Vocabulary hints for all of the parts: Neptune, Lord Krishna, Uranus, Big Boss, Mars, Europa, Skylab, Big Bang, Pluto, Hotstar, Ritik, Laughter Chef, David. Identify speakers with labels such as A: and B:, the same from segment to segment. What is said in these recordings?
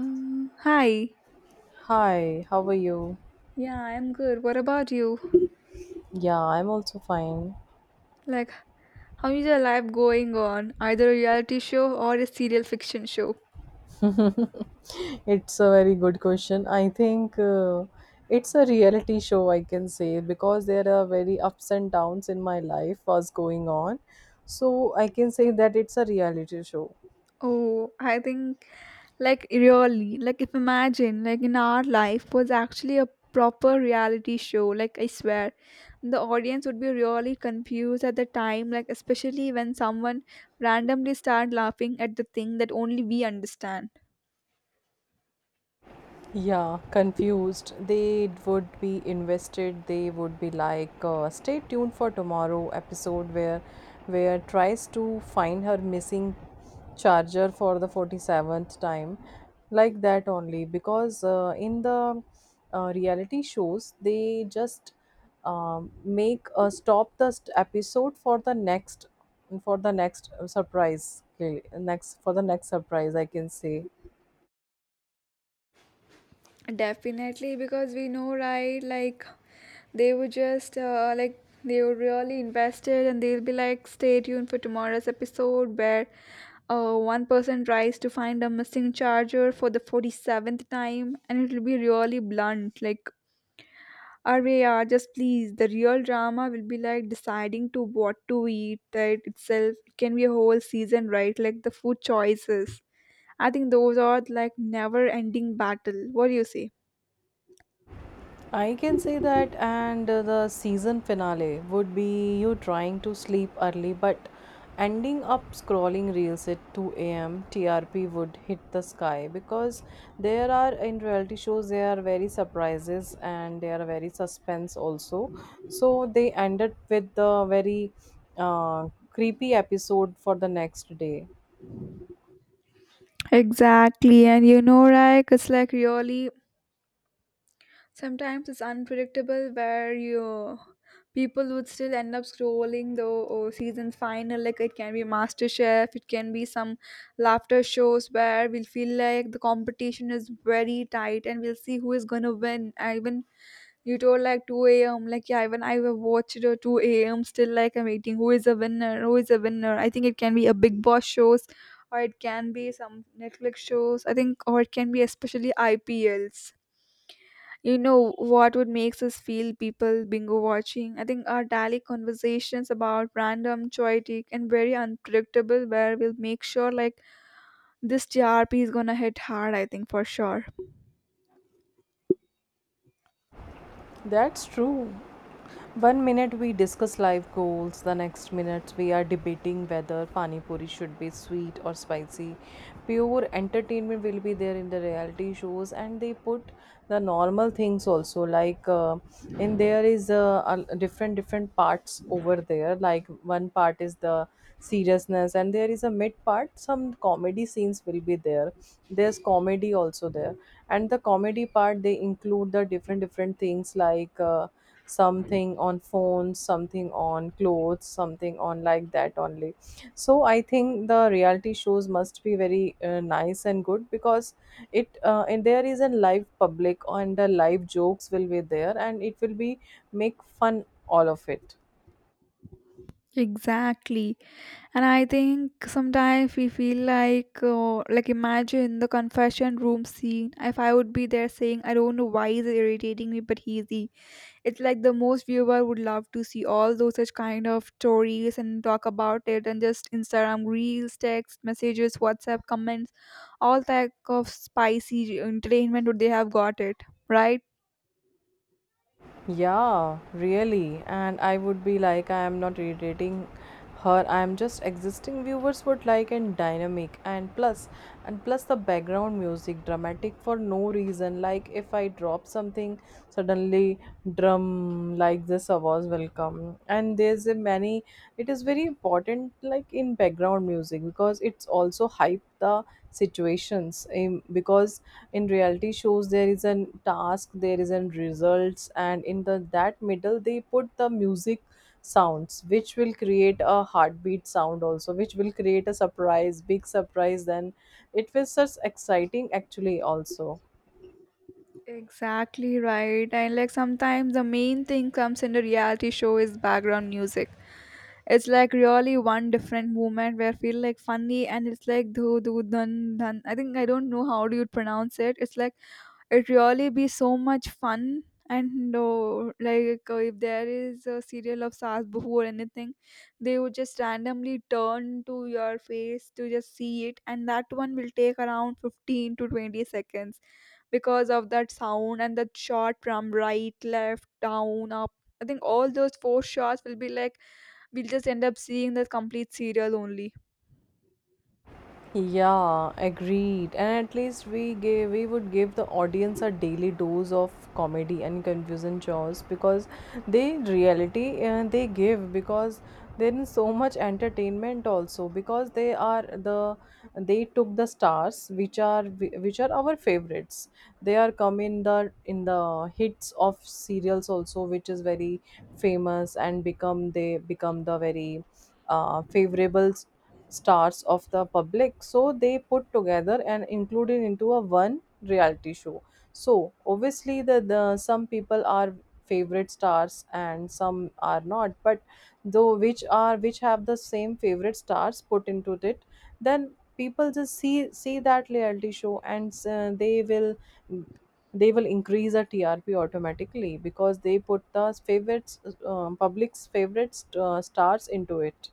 A: Hi.
B: Hi, how are you?
A: Yeah, I'm good. What about you?
B: Yeah, I'm also fine.
A: Like, how is your life going on? Either a reality show or a serial fiction show?
B: It's a very good question. I think it's a reality show, I can say, because there are very ups and downs in my life was going on. So I can say that it's a reality show.
A: Oh, I think, like, really, like, if imagine, like, in our life was actually a proper reality show, like, I swear, the audience would be really confused at the time, like, especially when someone randomly start laughing at the thing that only we understand.
B: Yeah, confused. They would be invested. They would be like, stay tuned for tomorrow episode where tries to find her missing charger for the 47th time. Like that only because in the reality shows they just make a stop the episode for the next surprise next for the next surprise, I can say.
A: Definitely, because we know, right? Like, they would just, like, they were really invested and they'll be like, stay tuned for tomorrow's episode where one person tries to find a missing charger for the 47th time and it'll be really blunt. Like, Array, yeah, just please. The real drama will be like deciding to what to eat that itself can be a whole season, right? Like, the food choices. I think those are like never ending battle. What do you say?
B: That, and the season finale would be you trying to sleep early but ending up scrolling reels at 2 a.m. TRP would hit the sky because there are in reality shows there are very surprises and there are very suspense also. So they ended with the very creepy episode for the next day.
A: Exactly, and you know, like it's like really sometimes it's unpredictable where you people would still end up scrolling the oh, season final. Like it can be Master Chef, it can be some laughter shows where we'll feel like the competition is very tight and we'll see who is gonna win. And even you told like 2 a.m. Like yeah, even I have watched it at 2 a.m. Still like I'm waiting. Who is a winner? Who is a winner? I think it can be a Big Boss shows, or it can be some Netflix shows. I think, or it can be especially IPLs. You know what would makes us feel people bingo watching? I think our daily conversations about random, chaotic, and very unpredictable, where we'll make sure like this GRP is gonna hit hard. I think for sure.
B: That's true. One minute we discuss life goals, the next minute we are debating whether pani puri should be sweet or spicy. Pure entertainment will be there in the reality shows, and they put the normal things also like in there is a different different parts over there. Like one part is the seriousness, and there is a mid part. Some comedy scenes will be there. There's comedy also there, and the comedy part they include the different different things like. Something on phones, something on clothes, something on, like that only. So I think the reality shows must be very nice and good because it and there is a live public and the live jokes will be there and it will be make fun all of it.
A: Exactly. And I think sometimes we feel like imagine the confession room scene. If I would be there saying, I don't know why he's irritating me, but he's the. It's like the most viewer would love to see all those such kind of stories and talk about it and just Instagram reels, text messages, WhatsApp comments, all type of spicy entertainment would they have got it, right?
B: Yeah, really. And I would be like, I am not irritating her. I am just existing. Viewers would like and dynamic, and plus the background music dramatic for no reason. Like if I drop something, suddenly drum like this was welcome. And there's a many. It is very important, like in background music, because it's also hype the situations. Because in reality shows there is a task, there is a results, and in the that middle they put the music sounds which will create a heartbeat sound also, which will create a surprise, big surprise, then it was such exciting actually also.
A: Exactly right. And like sometimes the main thing comes in the reality show is background music. It's like really one different movement where I feel like funny and it's like do do dun dun. I think I don't know how do you pronounce it. It's like it really be so much fun and oh, like if there is a serial of Saas Bahu or anything, they would just randomly turn to your face to just see it and that one will take around 15 to 20 seconds because of that sound and that shot from right, left, down, up. I think all those four shots will be like we'll just end up seeing the complete serial only.
B: Yeah, agreed. And at least we would give the audience a daily dose of comedy and confusion chores because they give, because there is so much entertainment also because they are the they took the stars which are our favorites. They are come in the hits of serials also, which is very famous, and become they become the very favorable stars of the public, so they put together and included into a one reality show, so obviously the some people are favorite stars and some are not, but though which have the same favorite stars put into it, then people just see that reality show and they will increase the TRP automatically, because they put the favorites, public's favorite stars into it.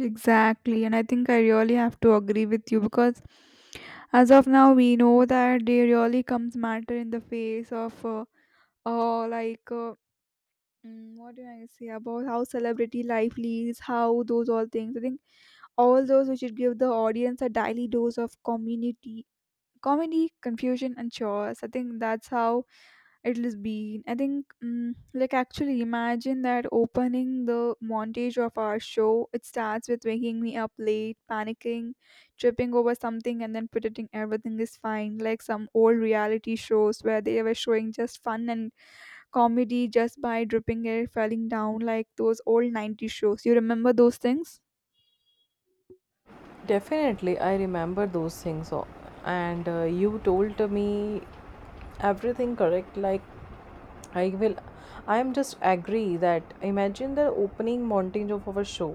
A: Exactly, and I think I really have to agree with you because as of now, we know that they really comes matter in the face of uh like uh, what do I say about how celebrity life leads, how those all things. I think all those we should give the audience a daily dose of community comedy, confusion, and chores. I think that's how it has been. I think, like, actually, imagine that opening the montage of our show. It starts with waking me up late, panicking, tripping over something, and then pretending everything is fine, like some old reality shows where they were showing just fun and comedy just by dripping it, falling down like those old 90's shows. You remember those things?
B: Definitely, I remember those things. And you told me everything correct. Like, I will, I am just agree that imagine the opening montage of our show.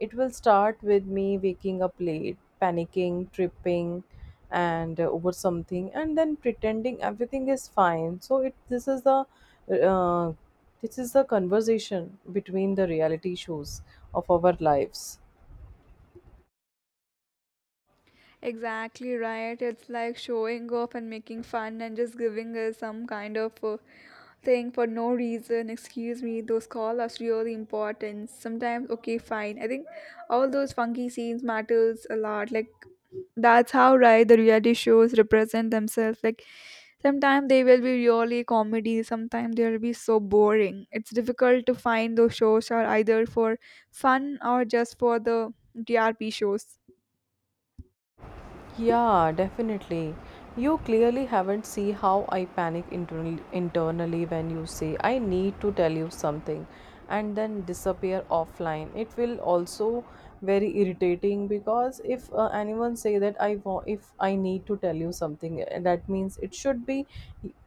B: It will start with me waking up late, panicking, tripping, and over something, and then pretending everything is fine. So it uh, this is the conversation between the reality shows of our lives.
A: Exactly right. It's like showing off and making fun and just giving us some kind of thing for no reason, excuse me, those calls are really important sometimes. Okay, fine, I think all those funky scenes matters a lot, like that's how right the reality shows represent themselves. Like sometimes they will be really comedy, sometimes they'll be so boring, it's difficult to find those shows are either for fun or just for the drp shows.
B: Yeah, definitely. You clearly haven't see how I panic internally when you say I need to tell you something and then disappear offline. It will also very irritating because if anyone say that I want if I need to tell you something, that means it should be,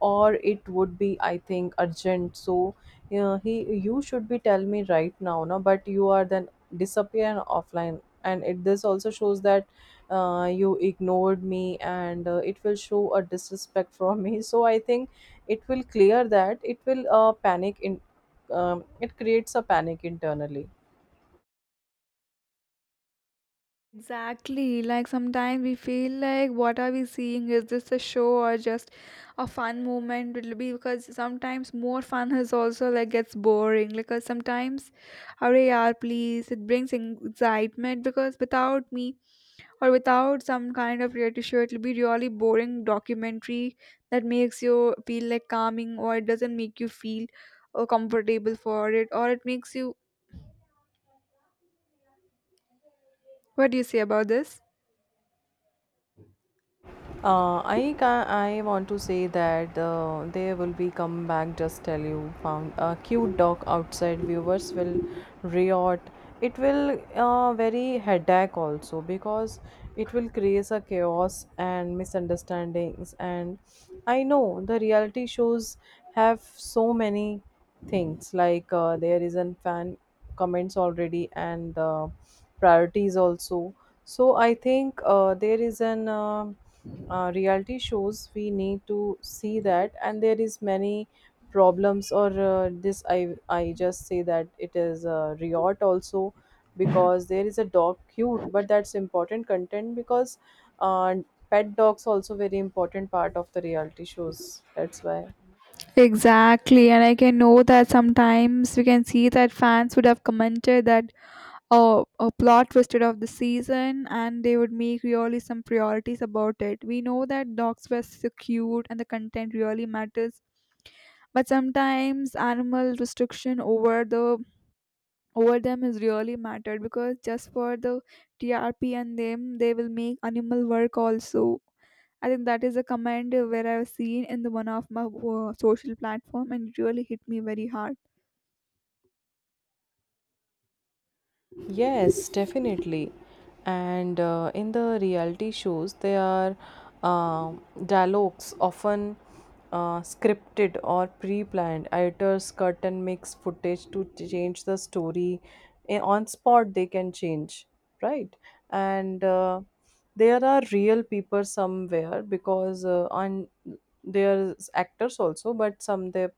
B: or it would be, I think, urgent. So yeah, he you should be tell me right now, no? But you are then disappear offline and it this also shows that you ignored me, and it will show a disrespect from me. So I think it will clear that it will panic in, it creates a panic internally.
A: Exactly. Like sometimes we feel like what are we seeing? Is this a show or just a fun moment? It'll be because sometimes more fun is also like gets boring. Because sometimes, hurry yaar, please. It brings excitement because without me or without some kind of reality show, it'll be really boring documentary that makes you feel like calming or it doesn't make you feel comfortable for it or it makes you. What do you say about this?
B: I want to say that they will be come back. Just tell you, found a cute dog outside. Viewers will riot. It will very headache also, because it will create a chaos and misunderstandings. And I know the reality shows have so many things, like there is an fan comments already, and priorities also. So I think there is an reality shows we need to see that, and there is many problems or, this I just say that it is a riot also because there is a dog cute, but that's important content, because uh, pet dogs also very important part of the reality shows, that's why.
A: Exactly, and I can know that sometimes we can see that fans would have commented that oh, a plot twisted of the season, and they would make really some priorities about it. We know that dogs were so cute, and the content really matters, but sometimes animal restriction over the over them is really mattered because just for the TRP and them they will make animal work also. I think that is a comment where I've seen in the one of my social platform and it really hit me very hard.
B: Yes, definitely. And in the reality shows, there are um dialogues often scripted or pre planned. Editors cut and mix footage to change the story. On spot, they can change, right? And there are real people somewhere, because on there's actors also,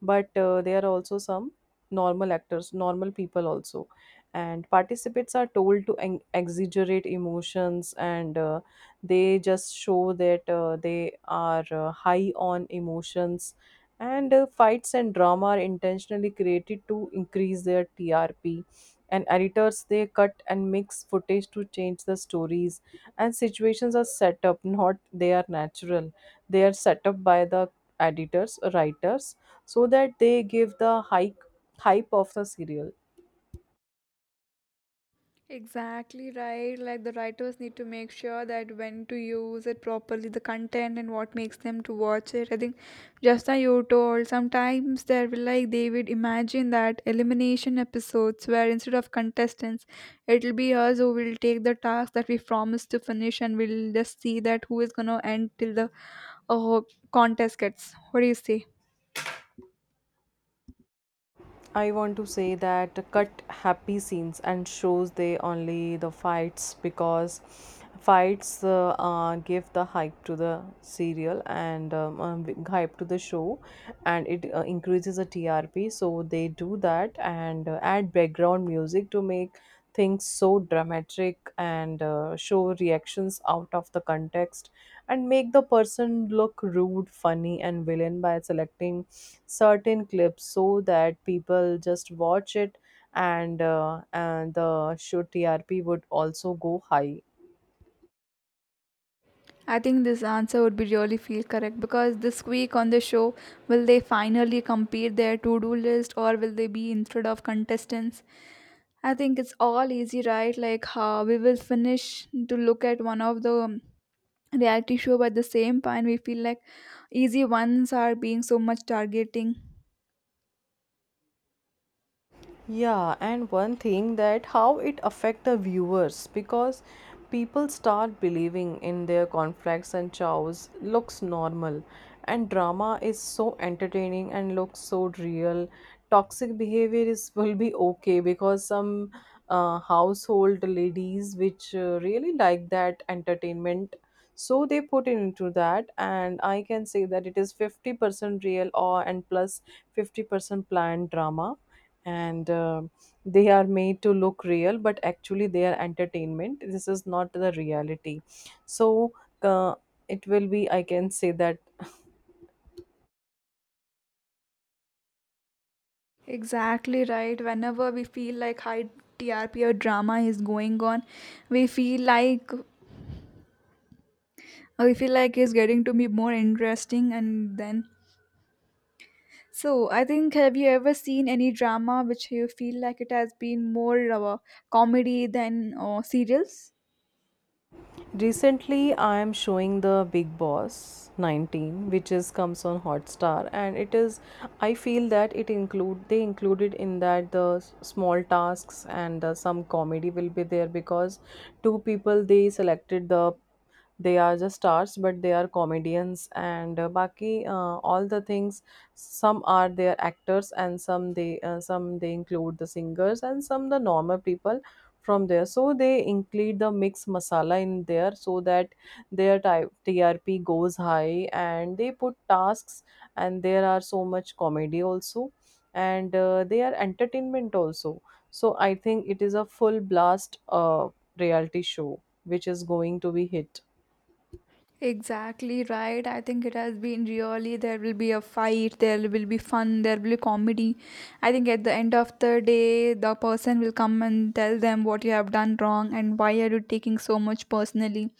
B: but there are also some normal actors, normal people also, and participants are told to exaggerate emotions, and they just show that they are high on emotions, and fights and drama are intentionally created to increase their TRP, and editors they cut and mix footage to change the stories, and situations are set up, not they are natural. They are set up by the editors, writers, so that they give the hype, hype of the serial.
A: Exactly right. Like the writers need to make sure that when to use it properly, the content and what makes them to watch it. I think just as you told, sometimes there will like they would imagine that elimination episodes where instead of contestants, it'll be us who will take the task that we promised to finish and we'll just see that who is gonna end till the uh, contest gets. What do you say?
B: I want to say that cut happy scenes and shows, they only the fights, because fights give the hype to the serial, and hype to the show, and it increases the TRP, so they do that, and add background music to make things so dramatic, and show reactions out of the context, and make the person look rude, funny, and villain by selecting certain clips so that people just watch it and the show TRP would also go high.
A: I think this answer would be really feel correct because this week on the show, will they finally complete their to do list or will they be instead of contestants? I think it's all easy, right? Like how we will finish to look at one of the reality show, but at the same point, we feel like easy ones are being so much targeting.
B: Yeah, and one thing, that how it affect the viewers, because people start believing in their conflicts and chows, looks normal, and drama is so entertaining and looks so real. Toxic behavior is will be okay, because some household ladies which really like that entertainment, so they put it into that, and I can say that it is 50% real or and 50% planned drama, and they are made to look real, but actually they are entertainment, this is not the reality, so uh, it will be, I can say that.
A: Exactly right. Whenever we feel like high TRP or drama is going on, we feel like we feel like it's getting to be more interesting, and then So, I think have you ever seen any drama which you feel like it has been more of a comedy than serials?
B: Recently I am showing the Big Boss 19, which is comes on Hotstar, and it is I feel that it include they included in that the small tasks, and some comedy will be there, because two people they selected the they are just stars, but they are comedians, and baki all the things, some are their actors, and some they include the singers, and some the normal people from there, so they include the mixed masala in there, so that their type TRP goes high, and they put tasks, and there are so much comedy also, and they are entertainment also, so I think it is a full blast reality show which is going to be hit.
A: Exactly right. I think it has been really there will be a fight, there will be fun, there will be comedy. I think at the end of the day, the person will come and tell them what you have done wrong and why are you taking so much personally.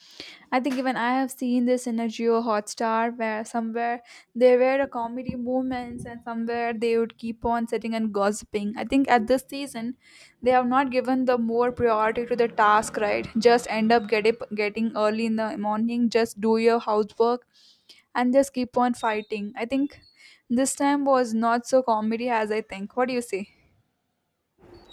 A: I think even I have seen this in a Geo Hotstar where somewhere there were a comedy moments and somewhere they would keep on sitting and gossiping. I think at this season they have not given the more priority to the task, right? Just end up get it, getting early in the morning, just do your housework and just keep on fighting. I think this time was not so comedy as I think. What do you say?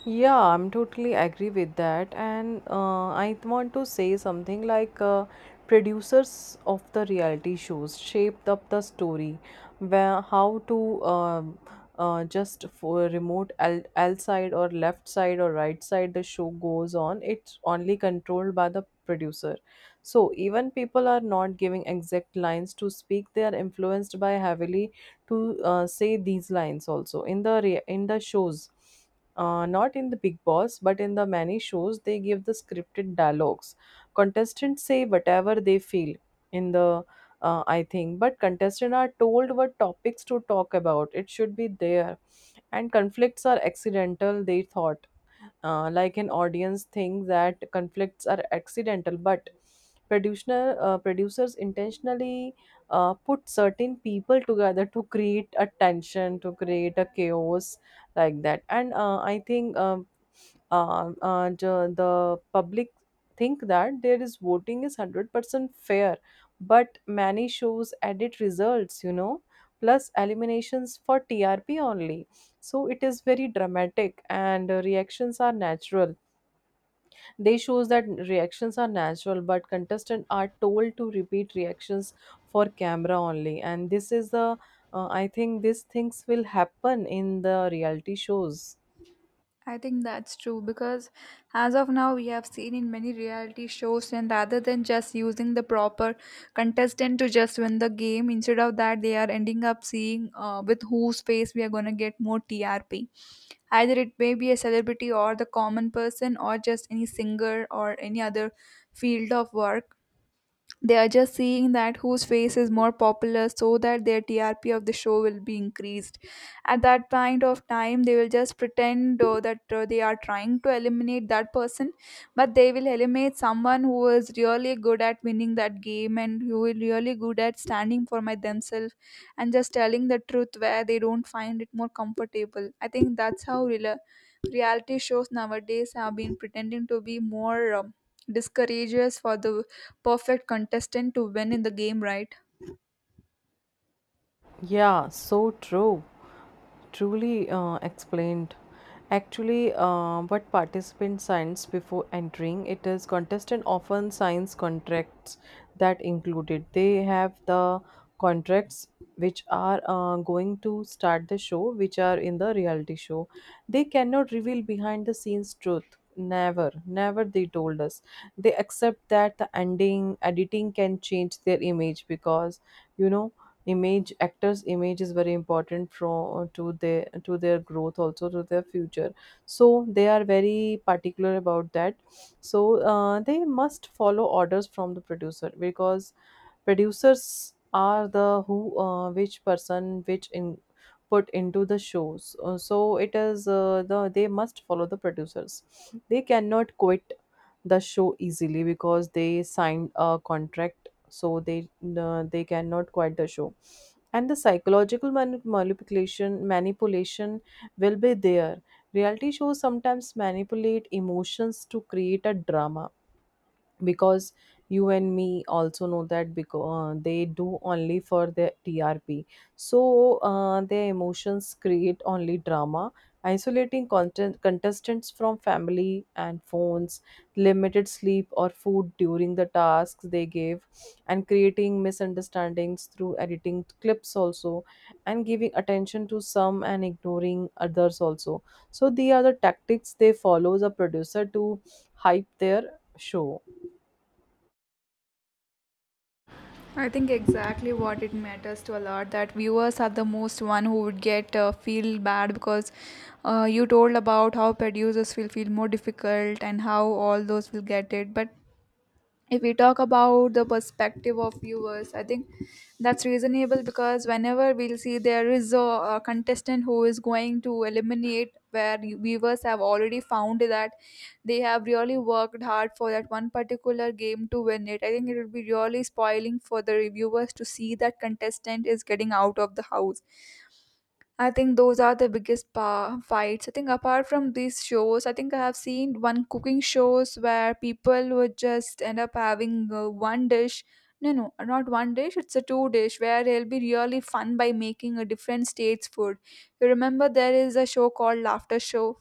B: Yeah, I'm totally agree with that. And I want to say something, like producers of the reality shows shaped up the story, where how to just for remote, L side, or left side, or right side the show goes on. It's only controlled by the producer. So even people are not giving exact lines to speak. They are influenced by heavily to say these lines also in the in the shows, not in the Big Boss, but in the many shows they give the scripted dialogues. Contestants say whatever they feel in the I think, but contestants are told what topics to talk about. It should be there, and conflicts are accidental. They thought like an audience think that conflicts are accidental, but producer, producers intentionally put certain people together to create a tension, to create a chaos like that. And I think the public think that there is voting is 100% fair, but many shows edit results, plus eliminations for trp only. So it is very dramatic and reactions are natural. They shows that reactions are natural, but contestants are told to repeat reactions for camera only, and this is the— I think these things will happen in the reality shows.
A: I think that's true because as of now, we have seen in many reality shows, and rather than just using the proper contestant to just win the game, instead of that, they are ending up seeing with whose face we are going to get more TRP. Either it may be a celebrity or the common person, or just any singer or any other field of work. They are just seeing that whose face is more popular so that their TRP of the show will be increased. At that point of time, they will just pretend that they are trying to eliminate that person, but they will eliminate someone who is really good at winning that game and who is really good at standing for my themselves and just telling the truth where they don't find it more comfortable. I think that's how reality shows nowadays have been pretending to be more discourageous for the perfect contestant to win in the game, right?
B: Yeah, so true. Truly explained. Actually, what participants signs before entering it is contestant often signs contracts that included. They have the contracts which are going to start the show, which are in the reality show. They cannot reveal behind the scenes truth. Never, never they told us. They accept that the ending, editing can change their image, because you know image, actors image is very important from to their, to their growth also, to their future. So they are very particular about that. So they must follow orders from the producer, because producers are the who which person which in put into the shows. So it is the they must follow the producers. They cannot quit the show easily because they signed a contract, so they cannot quit the show. And the psychological manipulation manipulation will be there. Reality shows sometimes manipulate emotions to create a drama, because you and me also know that because they do only for the TRP. So their emotions create only drama, isolating contestants from family and phones, limited sleep or food during the tasks they gave, and creating misunderstandings through editing clips also, and giving attention to some and ignoring others also. So these are the tactics they follow as producer to hype their show.
A: I think exactly what it matters to a lot that viewers are the most one who would get feel bad because you told about how producers will feel more difficult and how all those will get it, but if we talk about the perspective of viewers, I think that's reasonable because whenever we'll see there is a contestant who is going to eliminate where viewers have already found that they have really worked hard for that one particular game to win it, I think it would be really spoiling for the reviewers to see that contestant is getting out of the house. I think those are the biggest fights. I think apart from these shows, I think I have seen one cooking shows where people would just end up having one dish. No, no, not one dish. It's a two dish where it'll be really fun by making a different state's food. You remember there is a show called Laughter Show.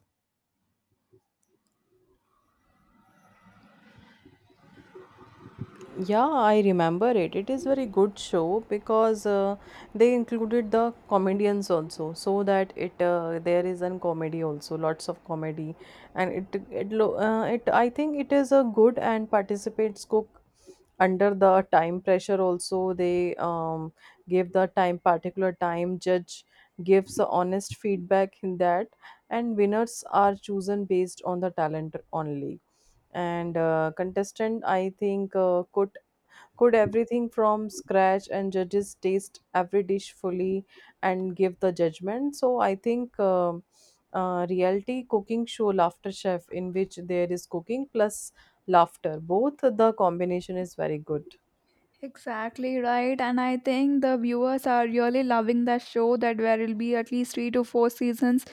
B: Yeah, I remember it. It is very good show because they included the comedians also, so that it— there is an comedy also, lots of comedy, and it I think it is a good, and participants cook under the time pressure also. They give the time, particular time. Judge gives a honest feedback in that, and winners are chosen based on the talent only. And contestant I think could cooked everything from scratch, and judges taste every dish fully and give the judgment. So I think reality cooking show laughter chef, in which there is cooking plus laughter, both the combination is very good.
A: Exactly right, and I think the viewers are really loving the show. That there will be at least three to four seasons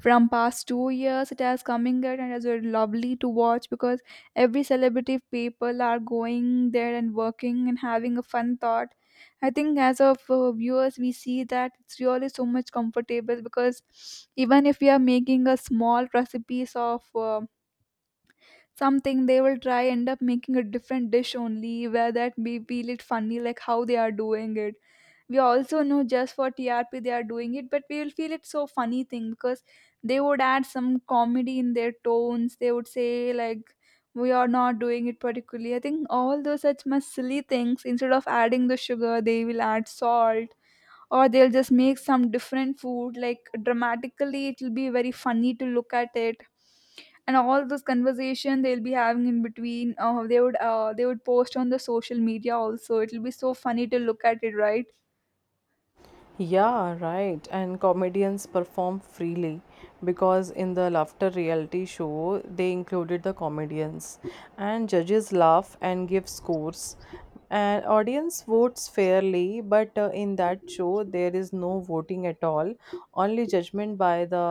A: from past 2 years. It has coming out and it is very lovely to watch because every celebrity people are going there and working and having a fun thought. I think as of viewers, we see that it's really so much comfortable because even if we are making a small recipes of something they will try end up making a different dish only where that we feel it funny like how they are doing it. We also know just for trp they are doing it, but we will feel it so funny thing because they would add some comedy in their tones. They would say like we are not doing it particularly. I think all those such much silly things, instead of adding the sugar they will add salt, or they'll just make some different food like dramatically. It will be very funny to look at it, and all those conversation they'll be having in between they would post on the social media also. It'll be so funny to look at it, right?
B: Yeah, right, and comedians perform freely, because in the laughter reality show they included the comedians, and judges laugh and give scores. And audience votes fairly, but in that show, there is no voting at all. Only judgment by the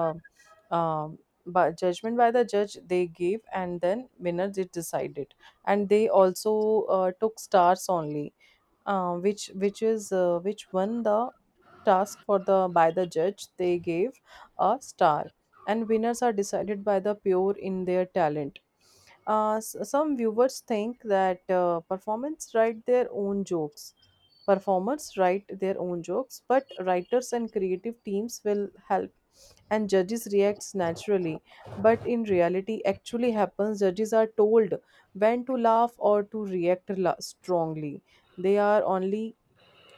B: um, by judgment by the judge they give, and then winners it decided. And they also took stars only, which is which won the task for the by the judge. They gave a star, and winners are decided by the pure in their talent. Some viewers think that performers write their own jokes. Performers write their own jokes, but writers and creative teams will help, and judges reacts naturally, but in reality actually happens judges are told when to laugh or to react strongly. They are only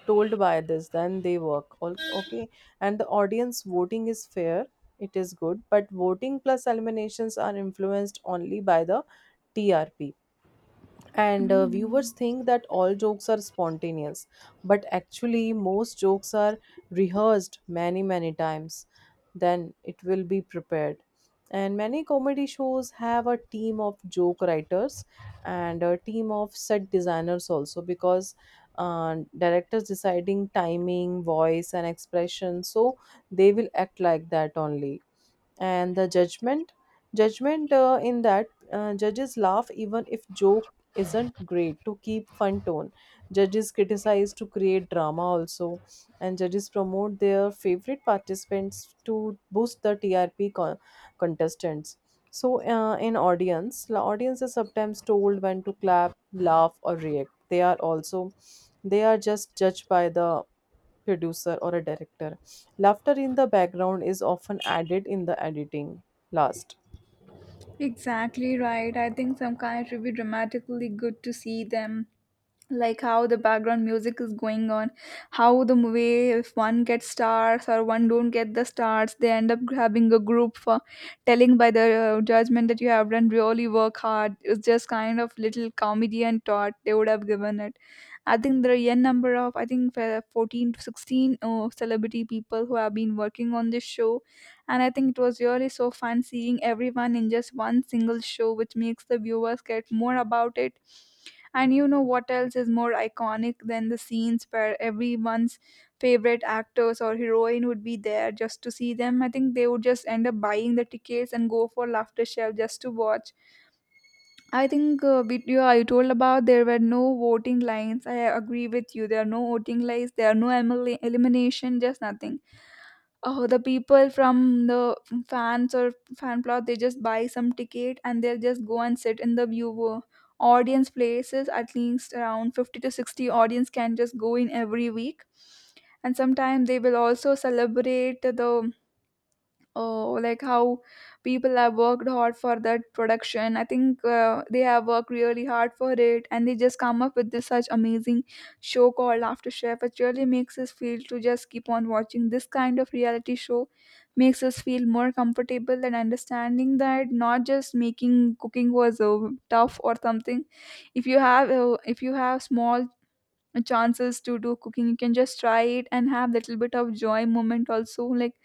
B: told by others, then they work. Okay, and the audience voting is fair, it is good, but voting plus eliminations are influenced only by the TRP. And viewers
A: Mm,
B: think that all jokes are spontaneous, but actually most jokes are rehearsed many many times, then it will be prepared. And many comedy shows have a team of joke writers and a team of set designers also, because directors deciding timing voice and expression, so they will act like that only. And the judgment, in that judges laugh even if joke isn't great, to keep fun tone. Judges criticize to create drama also, and judges promote their favorite participants to boost the trp contestants. So in audience the audience is sometimes told when to clap, laugh or react. They are also, they are just judged by the producer or a director. Laughter in the background is often added in the editing. Last.
A: exactly right. I think some kind it would be dramatically good to see them, like how the background music is going on, how the movie, if one gets stars or one don't get the stars, they end up having a group for telling by the judgment that you have done really work hard. It's just kind of little comedy and thought they would have given it. I think there are a n number of, I think 14 to 16 celebrity people who have been working on this show, and I think it was really so fun seeing everyone in just one single show, which makes the viewers get more about it. And you know what else is more iconic than the scenes where everyone's favorite actors or heroine would be there just to see them? I think they would just end up buying the tickets and go for laughter shelf just to watch. I think video I told about there were no voting lines. I agree with you. There are no voting lines. There are no emil- elimination. Just nothing. Oh, the people from the fans or fan plot, they just buy some ticket and they'll just go and sit in the viewer audience places. At least around 50 to 60 audience can just go in every week, and sometimes they will also celebrate the, oh, like how people have worked hard for that production. I think they have worked really hard for it, and they just come up with this such amazing show called afterchef. It really makes us feel to just keep on watching this kind of reality show. Makes us feel more comfortable and understanding that not just making cooking was tough or something. If you have if you have small chances to do cooking, you can just try it and have little bit of joy moment also. Like,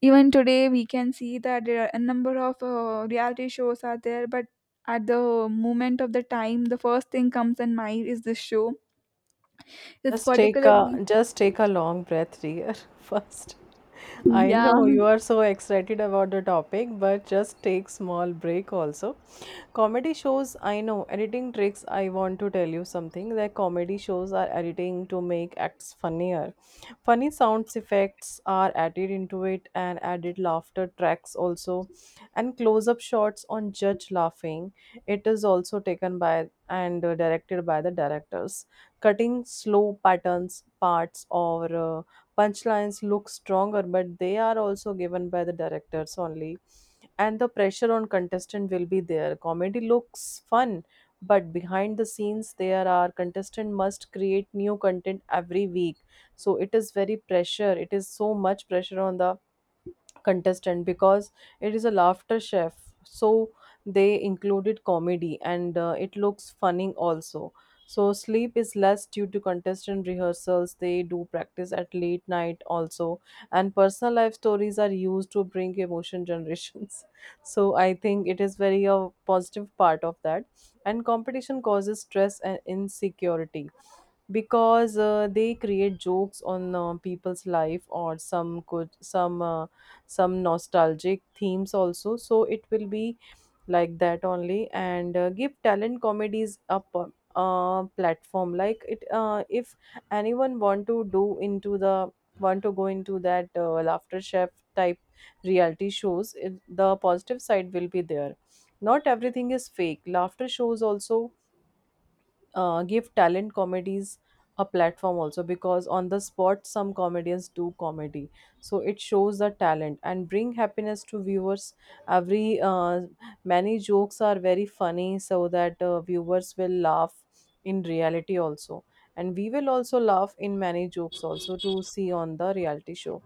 A: even today, we can see that there are a number of reality shows are there, but at the moment of the time, the first thing comes in mind is this show. It's particularly,
B: Just take a long breath here. First, I
A: yeah,
B: know you are so excited about the topic, but just take small break also. Comedy shows, I know editing tricks. I want to tell you something that comedy shows are editing to make acts funnier. Funny sounds effects are added into it, and added laughter tracks also, and close-up shots on judge laughing. It is also taken by and directed by the directors cutting slow patterns parts or punchlines look stronger, but they are also given by the directors only. And the pressure on contestant will be there. Comedy looks fun, but behind the scenes there are contestant must create new content every week, so it is very pressure, it is so much pressure on the contestant, because it is a laughter chef, so they included comedy and it looks funny also. So sleep is less due to contestant rehearsals, they do practice at late night also, and personal life stories are used to bring emotion generations. So I think it is very a positive part of that. And competition causes stress and insecurity, because they create jokes on people's life or some could some nostalgic themes also, so it will be like that only. And give talent comedies a platform. Like it if anyone want to do into the, want to go into that laughter chef type reality shows, it, the positive side will be there. Not everything is fake. Laughter shows also give talent comedies a platform also, because on the spot some comedians do comedy, so it shows the talent and bring happiness to viewers. Every many jokes are very funny so that viewers will laugh in reality also, and we will also laugh in many jokes also to see on the reality show.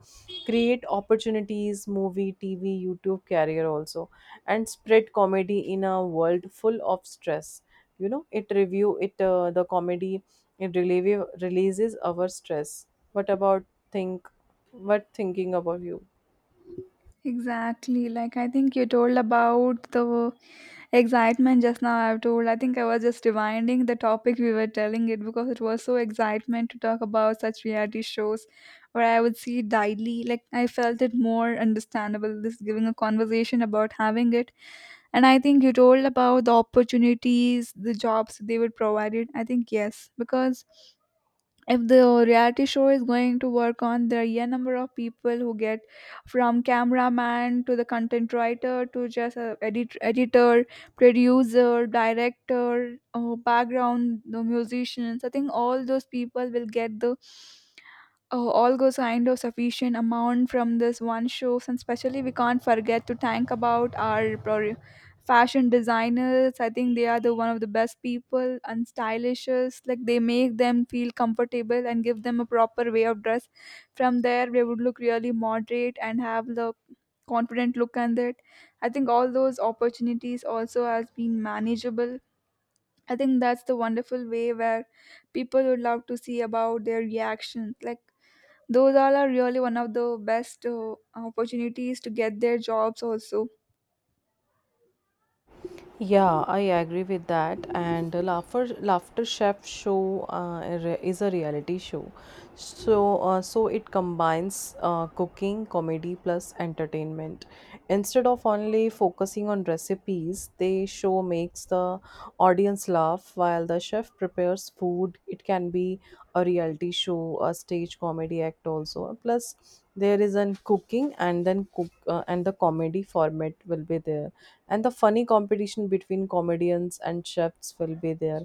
B: Create opportunities, movie, tv, youtube career also, and spread comedy in a world full of stress. You know, it review it, the comedy it releases our stress. What about think, what thinking about you?
A: exactly. Like, I think you told about the excitement just now. I've told. I think I was just rewinding the topic we were telling it because it was so excitement to talk about such reality shows, where I would see it daily. Like, I felt it more understandable. This giving a conversation about having it. And I think you told about the opportunities, the jobs they would provide it. I think yes, because if the reality show is going to work on, there are a number of people who get, from cameraman to the content writer to just a edit- editor, producer, director, background the musicians. I think all those people will get the, oh, all although kind of sufficient amount from this one shows, and especially we can't forget to thank about our pro- fashion designers. I think they are the one of the best people and stylishes. Like, they make them feel comfortable and give them a proper way of dress. From there, they would look really moderate and have the confident look on it. I think all those opportunities also has been manageable. I think that's the wonderful way where people would love to see about their reactions. Like, those all are really one of the best opportunities to get their jobs also.
B: Yeah, I agree with that. And the Laughter Laughter Chef show is a reality show, so so it combines cooking, comedy plus entertainment. Instead of only focusing on recipes, the show makes the audience laugh while the chef prepares food. It can be a reality show, a stage comedy act also. Plus, there is an cooking and then cook and the comedy format will be there, and the funny competition between comedians and chefs will be there.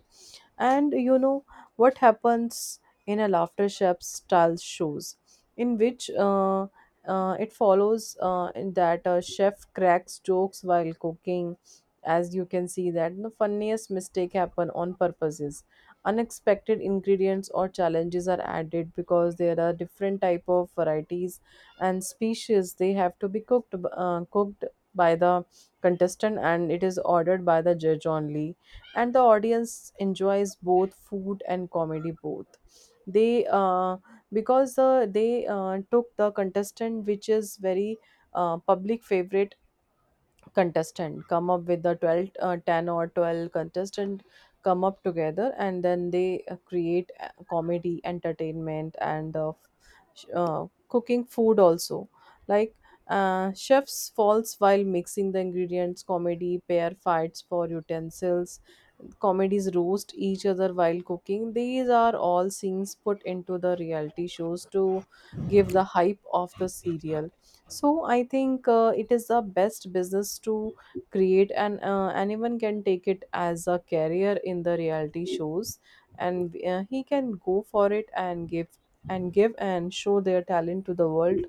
B: And you know what happens in a laughter chef style shows, in which it follows in that a chef cracks jokes while cooking. As you can see that the funniest mistake happen on purposes. Unexpected ingredients or challenges are added because there are different type of varieties and species. They have to be cooked cooked by the contestant, and it is ordered by the judge only. And the audience enjoys both food and comedy both. They because they took the contestant which is very public favorite. Contestant come up with the 12, 10 or 12 contestant come up together, and then they create comedy entertainment and cooking food also. Like chefs falls while mixing the ingredients, comedy pair fights for utensils, comedies roast each other while cooking. These are all scenes put into the reality shows to give the hype of the serial. So I think it is the best business to create, and anyone can take it as a career in the reality shows, and he can go for it and give and show their talent to the world.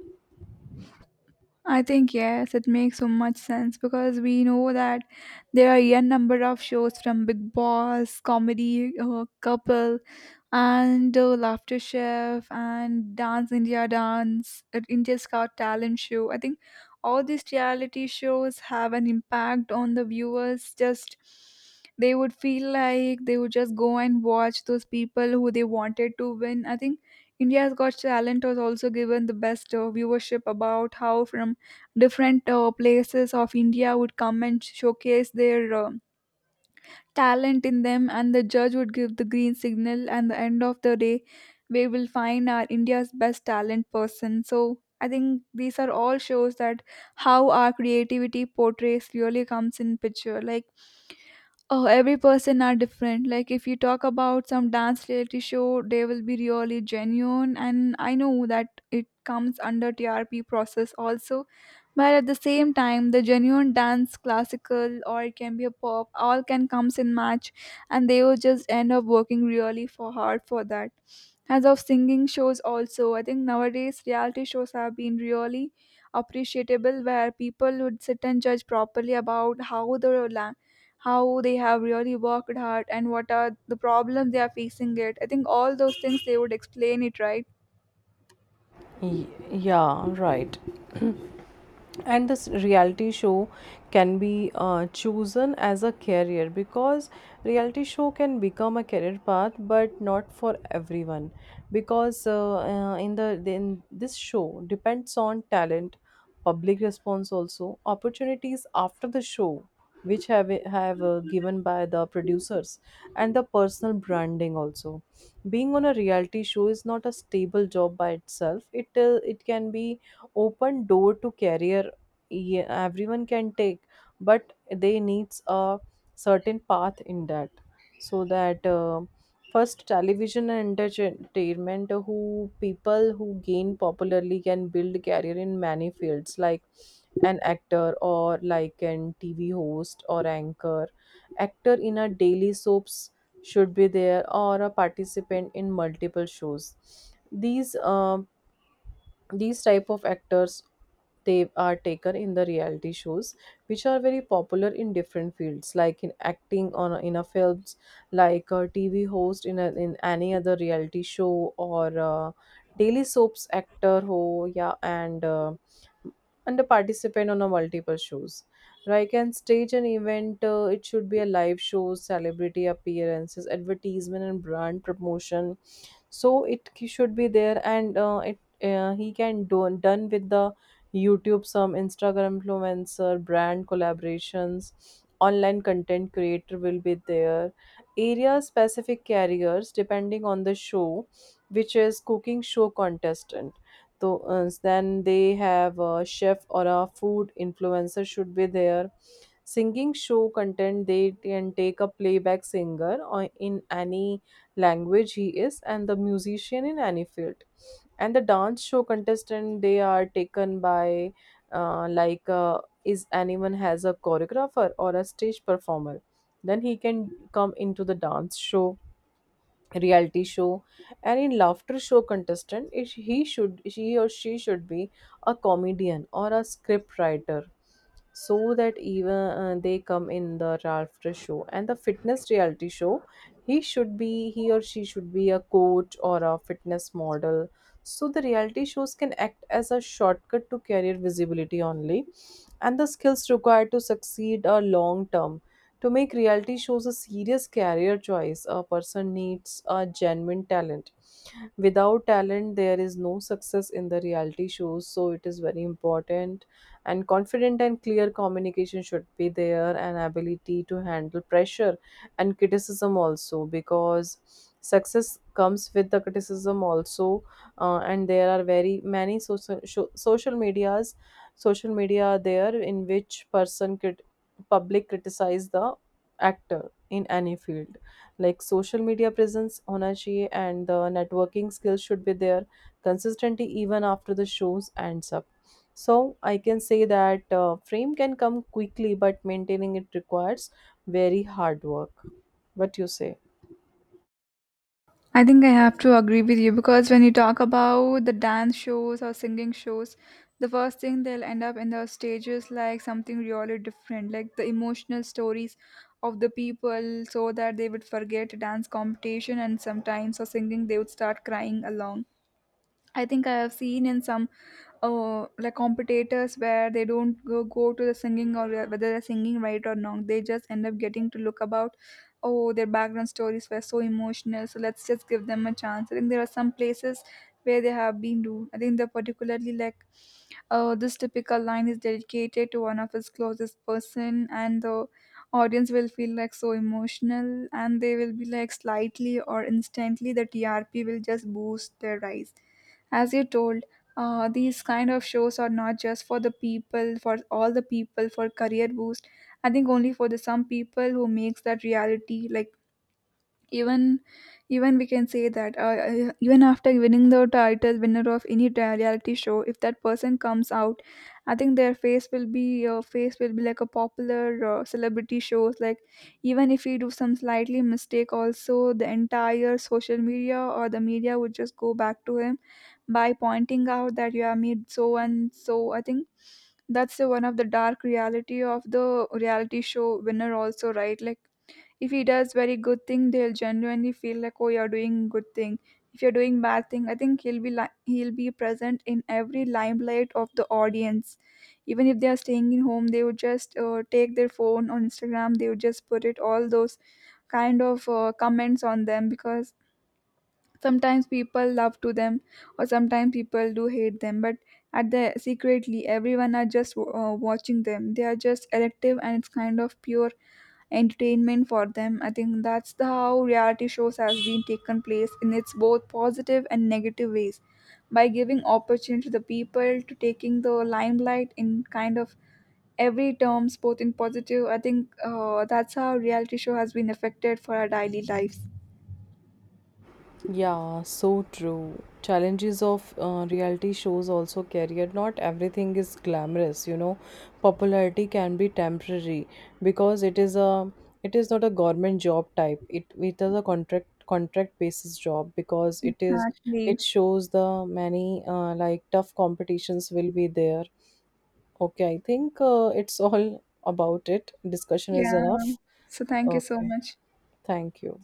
A: I think yes, it makes so much sense because we know that there are a number of shows from Big Boss, comedy, couple, and Laughter Chef, and Dance India Dance, India's Got Talent show. I think all these reality shows have an impact on the viewers. Just, they would feel like they would just go and watch those people who they wanted to win. I think India's Got Talent was also given the best viewership about how from different places of India would come and showcase their talent in them, and the judge would give the green signal. And the end of the day, we will find our India's best talent person. So I think these are all shows that how our creativity portrays really comes in picture. Like, oh, every person are different. Like, if you talk about some dance reality show, they will be really genuine, and I know that it comes under trp process also, but at the same time, the genuine dance, classical, or it can be a pop, all can comes in match, and they will just end up working really for hard for that. As of singing shows, also, I think nowadays reality shows have been really appreciable, where people would sit and judge properly about how the la- how they have really worked hard and what are the problems they are facing it. I think all those things they would explain it, right?
B: Yeah, right. And this reality show can be chosen as a career, because reality show can become a career path but not for everyone, because in the in this show depends on talent, public response also, opportunities after the show which have given by the producers, and the personal branding also. Being on a reality show is not a stable job by itself. It it can be open door to career. Yeah, everyone can take, but they needs a certain path in that. So that first television and entertainment, who people who gain popularly can build career in many fields, like an actor or like an TV host or anchor. Actor in a daily soaps should be there, or a participant in multiple shows. These um these type of actors they are taken in the reality shows, which are very popular in different fields, like in acting on in a films, like a tv host in, a, in any other reality show, or daily soaps actor ho, yeah. And and a participant on a multiple shows, right, can stage an event. It should be a live show, celebrity appearances, advertisement and brand promotion. So it he should be there. And it he can do done with the youtube, some instagram influencer, brand collaborations, online content creator will be there. Area specific carriers depending on the show, which is cooking show contestant, so then they have a chef or a food influencer should be there. Singing show content, they can take a playback singer or in any language he is, and the musician in any field. And the dance show contestant they are taken by is anyone has a choreographer or a stage performer, then he can come into the dance show reality show. And in laughter show contestant, it, he should she or she should be a comedian or a script writer, so that even they come in the laughter show. And the fitness reality show, he should be he or she should be a coach or a fitness model. So the reality shows can act as a shortcut to career visibility only, and the skills required to succeed are long term. To make reality shows a serious career choice, a person needs a genuine talent. Without talent, there is no success in the reality shows, so it is very important. And confident and clear communication should be there, and ability to handle pressure and criticism also, because success comes with the criticism also. And there are very many social medias, social media there, in which public criticize the actor in any field, like social media presence, energy and the networking skills should be there consistently even after the shows ends up. So I can say that fame can come quickly but maintaining it requires very hard work. What you say?
A: I think I have to agree with you because when you talk about the dance shows or singing shows, the first thing they'll end up in the stages like something really different, like the emotional stories of the people, so that they would forget dance competition and sometimes or singing they would start crying along. I think I have seen in some like competitors where they don't go to the singing or whether they're singing right or not. They just end up getting to look about, oh, their background stories were so emotional. So let's just give them a chance. I think there are some places where they have been rude. I think they're particularly like this typical line is dedicated to one of his closest person, and the audience will feel like so emotional, and they will be like slightly or instantly the trp will just boost their rise. As you told, these kind of shows are not just for the people, for all the people for career boost. I think only for the some people who makes that reality. Like, even, even we can say that even after winning the title winner of any ta- reality show, if that person comes out, I think their face will be like a popular celebrity shows. Like, even if we do some slightly mistake also, the entire social media or the media would just go back to him by pointing out that you have made so and so. I think that's the one of the dark reality of the reality show winner also, right? Like, if he does very good thing, they'll genuinely feel like, oh, you're doing good thing. If you're doing bad thing, I think he'll be like, he'll be present in every limelight of the audience. Even if they are staying in home, they would just take their phone on instagram, they would just put it all those kind of comments on them, because sometimes people love to them, or sometimes people do hate them, but at the secretly everyone are just watching them. They are just elective and it's kind of pure entertainment for them. I think that's the how reality shows has been taken place in its both positive and negative ways by giving opportunity to the people to taking the limelight in kind of every terms both in positive. I think that's how reality show has been affected for our daily lives.
B: Yeah, so true. Challenges of reality shows also career. Not everything is glamorous, you know. Popularity can be temporary, because it is a, it is not a government job type. It is a contract, contract basis job, because it is
A: Exactly.
B: it shows the many like tough competitions will be there. Okay, I think it's all about it. Discussion is enough.
A: Yeah, so thank you so
B: Okay,
A: much.
B: thank you.